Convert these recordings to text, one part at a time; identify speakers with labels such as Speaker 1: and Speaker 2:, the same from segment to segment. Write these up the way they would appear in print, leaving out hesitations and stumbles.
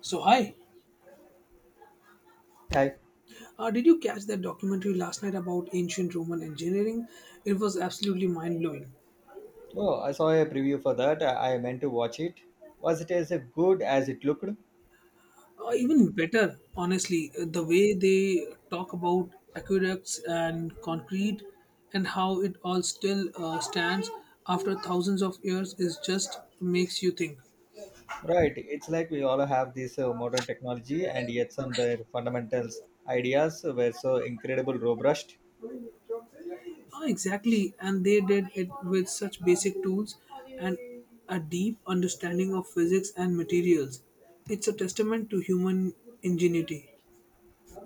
Speaker 1: So, hi.
Speaker 2: Hi.
Speaker 1: Did you catch that documentary last night about ancient Roman engineering? It was absolutely mind blowing.
Speaker 2: Oh, I saw a preview for that. I meant to watch it. Was it as good as it looked?
Speaker 1: Even better, honestly, the way they talk about aqueducts and concrete and how it all still stands after thousands of years is just makes you think.
Speaker 2: Right. It's like we all have this modern technology, and yet some of their fundamentals ideas were so incredible robust.
Speaker 1: Ah, exactly, and they did it with such basic tools and a deep understanding of physics and materials. It's a testament to human ingenuity.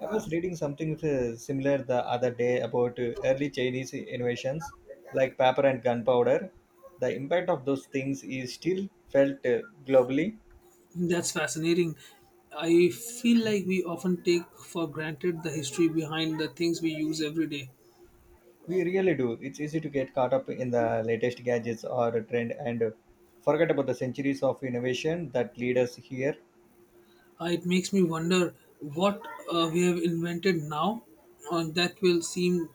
Speaker 2: I was reading something similar the other day about early Chinese innovations like paper and gunpowder. The impact of those things is still felt globally.
Speaker 1: That's fascinating. I feel like we often take for granted the history behind the things we use every day.
Speaker 2: We really do. It's easy to get caught up in the latest gadgets or a trend and forget about the centuries of innovation that lead us here.
Speaker 1: It makes me wonder what we have invented now that will seem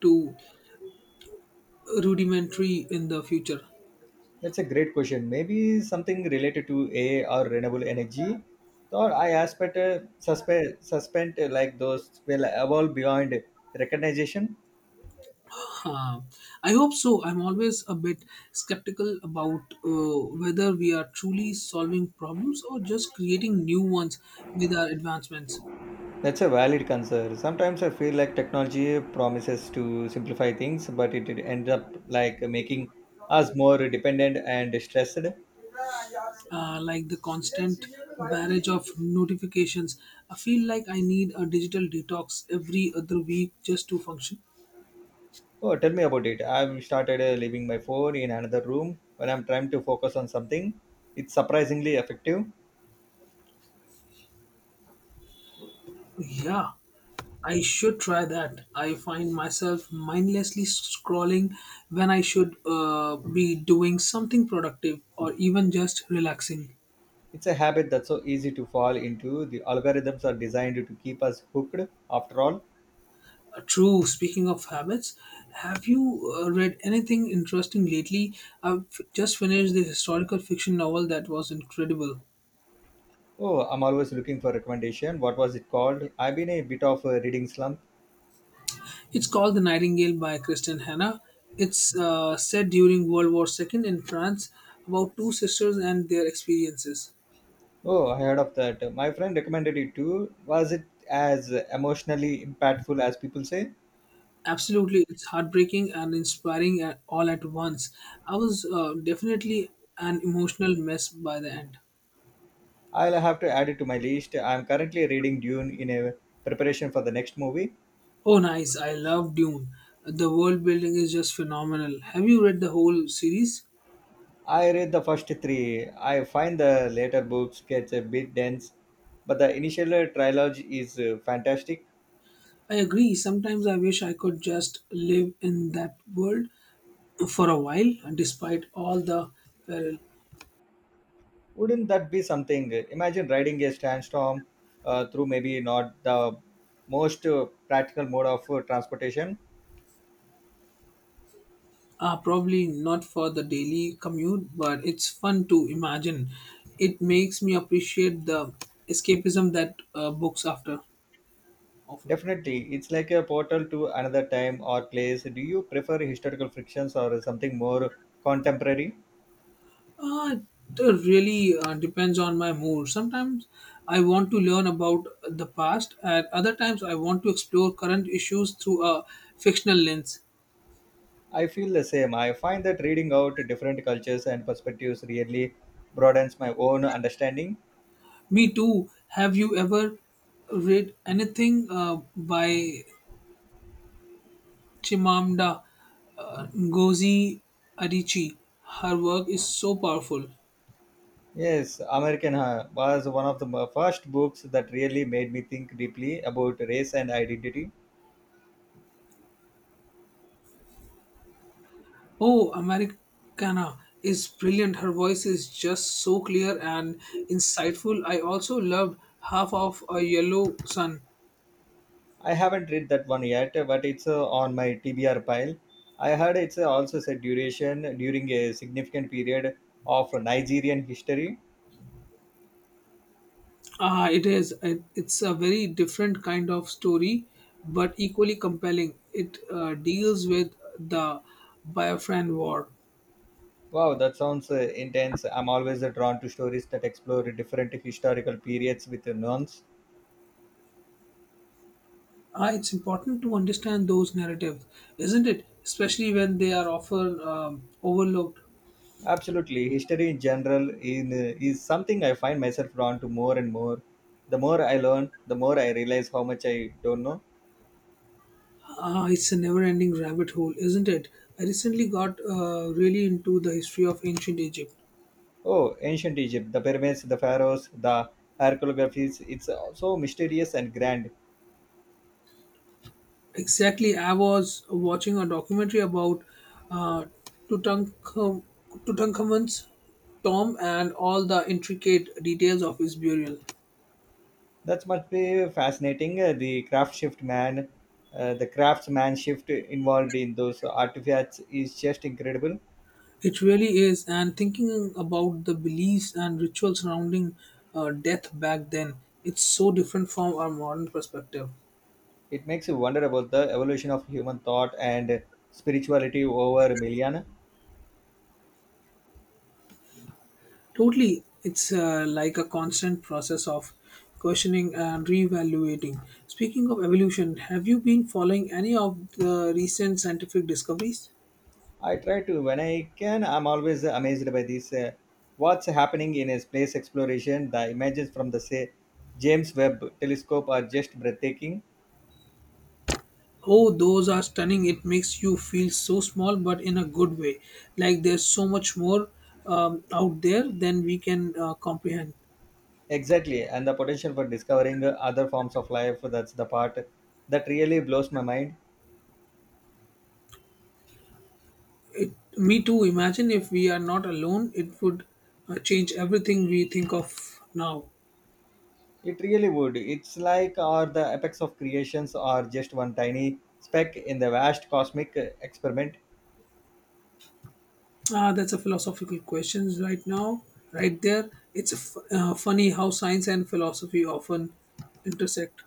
Speaker 1: too rudimentary in the future.
Speaker 2: That's a great question. Maybe something related to AI or renewable energy. Or I aspect suspe- suspend like those will evolve beyond recognition.
Speaker 1: Huh. I hope so. I'm always a bit skeptical about whether we are truly solving problems or just creating new ones with our advancements.
Speaker 2: That's a valid concern. Sometimes I feel like technology promises to simplify things, but it ends up like making us more dependent and stressed.
Speaker 1: Like the constant barrage of notifications. I feel like I need a digital detox every other week just to function.
Speaker 2: Oh, tell me about it. I've started leaving my phone in another room when I'm trying to focus on something. It's surprisingly effective.
Speaker 1: Yeah, I should try that. I find myself mindlessly scrolling when I should be doing something productive or even just relaxing.
Speaker 2: It's a habit that's so easy to fall into. The algorithms are designed to keep us hooked after all.
Speaker 1: True. Speaking of habits, have you read anything interesting lately? I've just finished the historical fiction novel that was incredible.
Speaker 2: Oh, I'm always looking for recommendation. What was it called? I've been a bit of a reading slump.
Speaker 1: It's called The Nightingale by Christian Hannah. It's set during World War II in France about two sisters and their experiences.
Speaker 2: Oh, I heard of that. My friend recommended it too. Was it as emotionally impactful as people say?
Speaker 1: Absolutely, it's heartbreaking and inspiring at, all at once. I was definitely an emotional mess by the end.
Speaker 2: I'll have to add it to my list. I'm currently reading Dune in a preparation for the next movie.
Speaker 1: Oh, nice. I love Dune. The world building is just phenomenal. Have you read the whole series?
Speaker 2: I read the first three. I find the later books gets a bit dense, but the initial trilogy is fantastic.
Speaker 1: I agree. Sometimes I wish I could just live in that world for a while, despite all the peril.
Speaker 2: Wouldn't that be something? Imagine riding a sandstorm through maybe not the most practical mode of transportation.
Speaker 1: Probably not for the daily commute, but it's fun to imagine. It makes me appreciate the escapism that books after offer.
Speaker 2: Definitely, it's like a portal to another time or place. Do you prefer historical frictions or something more contemporary?
Speaker 1: Uh, it really depends on my mood. Sometimes I want to learn about the past, and other times I want to explore current issues through a fictional lens.
Speaker 2: I feel the same. I find that reading out different cultures and perspectives really broadens my own understanding.
Speaker 1: Me too. Have you ever read anything by Chimamanda Ngozi Adichie. Her work is so powerful.
Speaker 2: Yes, American High was one of the first books that really made me think deeply about race and identity.
Speaker 1: Oh, Americana is brilliant. Her voice is just so clear and insightful. I also loved Half of a Yellow Sun.
Speaker 2: I haven't read that one yet, but it's on my TBR pile. I heard it's also said duration during a significant period of Nigerian history.
Speaker 1: Ah, it is. It's a very different kind of story, but equally compelling. It deals with the Biafran War.
Speaker 2: Wow, that sounds intense. I'm always drawn to stories that explore different historical periods with nuance.
Speaker 1: Ah, it's important to understand those narratives, isn't it? Especially when they are often overlooked.
Speaker 2: Absolutely, history in general in, is something I find myself drawn to more and more. The more I learn, the more I realize how much I don't know.
Speaker 1: Ah, it's a never-ending rabbit hole, isn't it? I recently got really into the history of ancient Egypt.
Speaker 2: Oh, ancient Egypt, the pyramids, the pharaohs, the archaeographies, it's so mysterious and grand.
Speaker 1: Exactly, I was watching a documentary about uh, Tutankhamun, Tutankhamun's tomb and all the intricate details of his burial.
Speaker 2: That must be fascinating. The the craftsman shift involved in those artifacts is just incredible.
Speaker 1: It really is. And thinking about the beliefs and rituals surrounding death back then, it's so different from our modern perspective.
Speaker 2: It makes you wonder about the evolution of human thought and spirituality over millennia.
Speaker 1: Totally, it's like a constant process of questioning and reevaluating. Speaking of evolution, have you been following any of the recent scientific discoveries?
Speaker 2: I try to when I can. I'm always amazed by this. What's happening in a space exploration? The images from the say James Webb Telescope are just breathtaking.
Speaker 1: Oh, those are stunning. It makes you feel so small, but in a good way. Like there's so much more out there than we can comprehend.
Speaker 2: Exactly, and the potential for discovering other forms of life. That's the part that really blows my mind.
Speaker 1: It, me too. Imagine if we are not alone, it would change everything we think of now.
Speaker 2: It really would. It's like are the apex of creations are just one tiny speck in the vast cosmic experiment.
Speaker 1: Ah, that's a philosophical question right now, right there. It's funny how science and philosophy often intersect.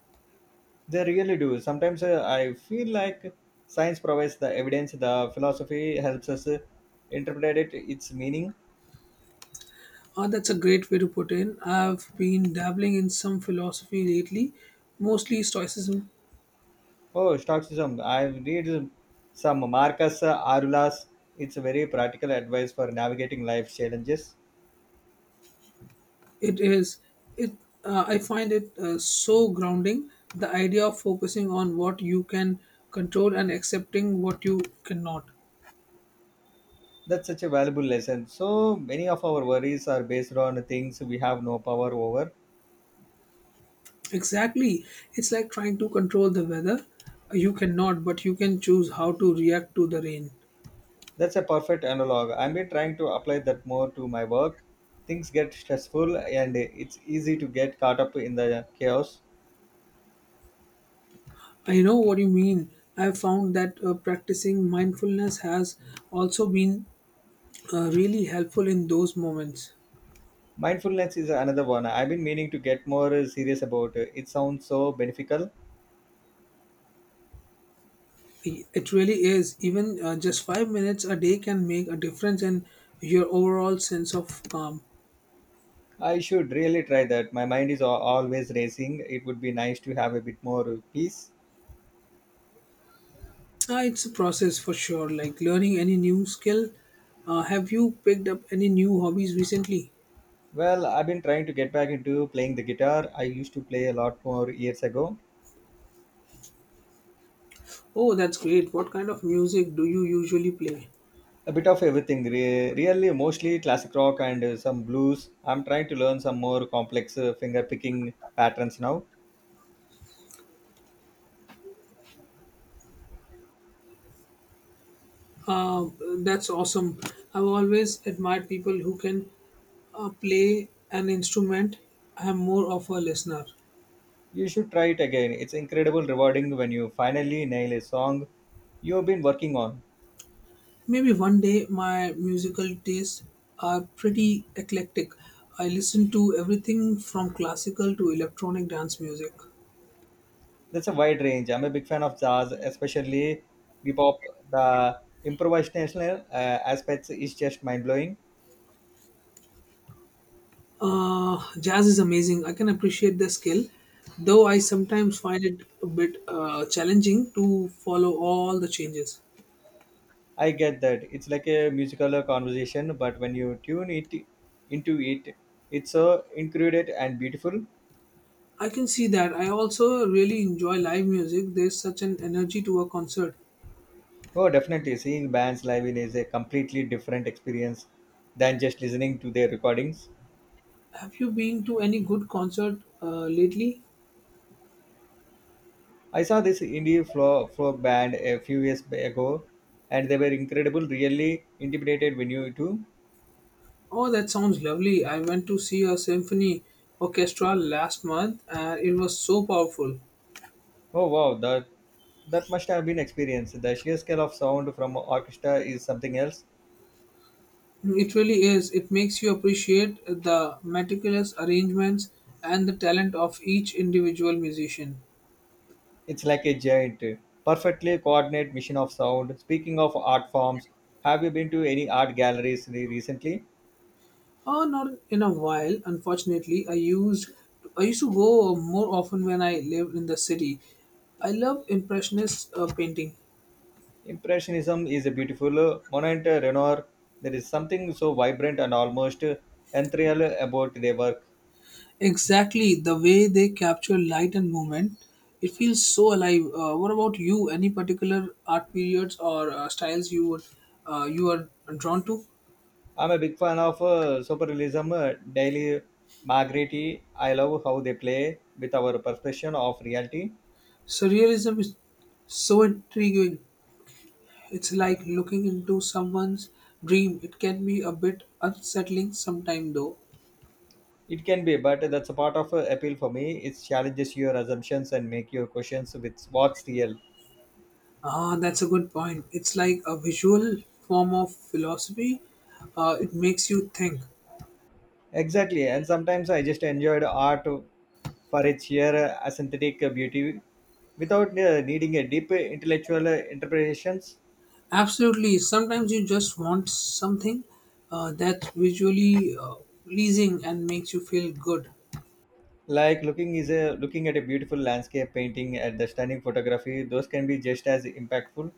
Speaker 2: They really do. Sometimes I feel like science provides the evidence, the philosophy helps us interpret it, its meaning.
Speaker 1: Ah, that's a great way to put in. I've been dabbling in some philosophy lately, mostly stoicism.
Speaker 2: Oh, Stoicism. I read some Marcus Aurelius. It's a very practical advice for navigating life challenges.
Speaker 1: It is it. I find it so grounding. The idea of focusing on what you can control and accepting what you cannot.
Speaker 2: That's such a valuable lesson. So many of our worries are based on things we have no power over.
Speaker 1: Exactly. It's like trying to control the weather. You cannot, but you can choose how to react to the rain.
Speaker 2: That's a perfect analog. I've been trying to apply that more to my work. Things get stressful and it's easy to get caught up in the chaos.
Speaker 1: I know what you mean. I've found that practicing mindfulness has also been really helpful in those moments.
Speaker 2: Mindfulness is another one I've been meaning to get more serious about. It sounds so beneficial.
Speaker 1: It really is. Even just five minutes a day can make a difference in your overall sense of calm.
Speaker 2: I should really try that. My mind is always racing. It would be nice to have a bit more peace.
Speaker 1: It's a process for sure, like learning any new skill. Have you picked up any new hobbies recently?
Speaker 2: Well, I've been trying to get back into playing the guitar. I used to play a lot more years ago.
Speaker 1: Oh, that's great. What kind of music do you usually play?
Speaker 2: A bit of everything, really, mostly classic rock and some blues. I'm trying to learn some more complex finger picking patterns now.
Speaker 1: Uh, that's awesome. I've always admired people who can play an instrument. I'm more of a listener.
Speaker 2: You should try it again. It's incredible rewarding when you finally nail a song you've been working on.
Speaker 1: Maybe one day my musical tastes are pretty eclectic. I listen to everything from classical to electronic dance music.
Speaker 2: That's a wide range. I'm a big fan of jazz, especially bebop. The improvisational aspects is just mind blowing.
Speaker 1: Jazz is amazing. I can appreciate the skill, though I sometimes find it a bit challenging to follow all the changes.
Speaker 2: I get that it's like a musical conversation, but when you tune it into it, it's so included and beautiful.
Speaker 1: I can see that. I also really enjoy live music. There's such an energy to a concert.
Speaker 2: Oh, definitely, seeing bands live in is a completely different experience than just listening to their recordings.
Speaker 1: Have you been to any good concert lately?
Speaker 2: I saw this indie folk band a few years ago, and they were incredible. Really intimidated when you too.
Speaker 1: Oh, that sounds lovely. I went to see a symphony orchestra last month and it was so powerful.
Speaker 2: Oh wow, that must have been experienced. The sheer scale of sound from orchestra is something else.
Speaker 1: It really is. It makes you appreciate the meticulous arrangements and the talent of each individual musician.
Speaker 2: It's like a giant, perfectly coordinated mission of sound. Speaking of art forms, have you been to any art galleries recently?
Speaker 1: Not in a while, unfortunately. I used to go more often when I lived in the city. I love impressionist painting.
Speaker 2: Impressionism is a beautiful monument Renoir. There is something so vibrant and almost ethereal about their work.
Speaker 1: Exactly the way they capture light and movement. It feels so alive. What about you? Any particular art periods or styles you are drawn to?
Speaker 2: I'm a big fan of superrealism, Daily Margretti. I love how they play with our perception of reality.
Speaker 1: Surrealism is so intriguing. It's like looking into someone's dream. It can be a bit unsettling sometime though.
Speaker 2: It can be, but that's a part of appeal for me. It challenges your assumptions and make your questions with what's real.
Speaker 1: Ah, that's a good point. It's like a visual form of philosophy. It makes you think.
Speaker 2: Exactly, and sometimes I just enjoyed art for its sheer aesthetic beauty without needing a deep intellectual interpretations.
Speaker 1: Absolutely. Sometimes you just want something that's visually pleasing and makes you feel good.
Speaker 2: Like looking is a looking at a beautiful landscape painting at the stunning photography. Those can be just as impactful.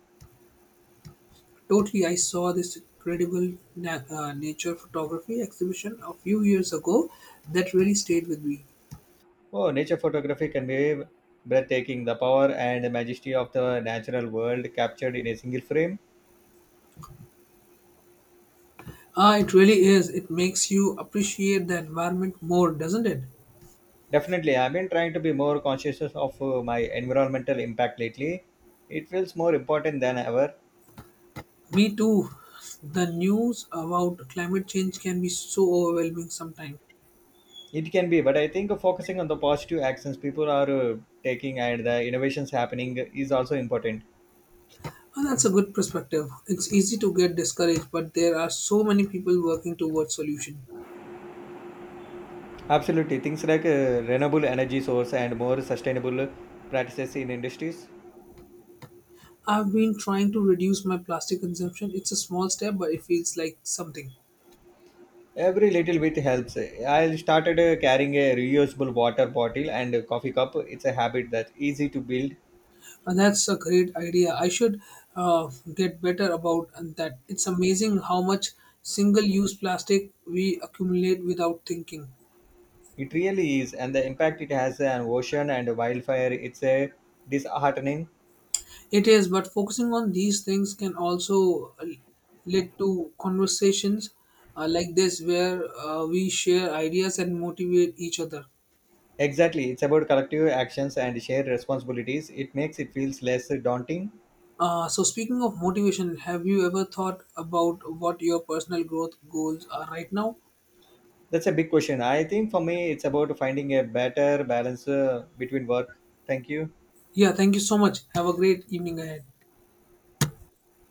Speaker 1: Totally. I saw this incredible nature photography exhibition a few years ago that really stayed with me.
Speaker 2: Oh, nature photography can be breathtaking. The power and majesty of the natural world captured in a single frame.
Speaker 1: Ah, it really is. It makes you appreciate the environment more, doesn't it?
Speaker 2: Definitely, I've been trying to be more conscious of my environmental impact lately. It feels more important than ever.
Speaker 1: Me too. The news about climate change can be so overwhelming sometimes.
Speaker 2: It can be, but I think focusing on the positive actions people are taking and the innovations happening is also important.
Speaker 1: Oh, that's a good perspective. It's easy to get discouraged, but there are so many people working towards solution.
Speaker 2: Absolutely, things like renewable energy source and more sustainable practices in industries.
Speaker 1: I've been trying to reduce my plastic consumption. It's a small step, but it feels like something.
Speaker 2: Every little bit helps. I started carrying a reusable water bottle and a coffee cup. It's a habit that's easy to build.
Speaker 1: And that's a great idea. I should get better about that. It's amazing how much single-use plastic we accumulate without thinking.
Speaker 2: It really is, and the impact it has on ocean and wildfire. It's a disheartening.
Speaker 1: It is, but focusing on these things can also lead to conversations like this where we share ideas and motivate each other.
Speaker 2: Exactly, it's about collective actions and shared responsibilities. It makes it feels less daunting.
Speaker 1: So, speaking of motivation, have you ever thought about what your personal growth goals are right now?
Speaker 2: That's a big question. I think for me, it's about finding a better balance between work. Thank you.
Speaker 1: Yeah, thank you so much. Have a great evening ahead.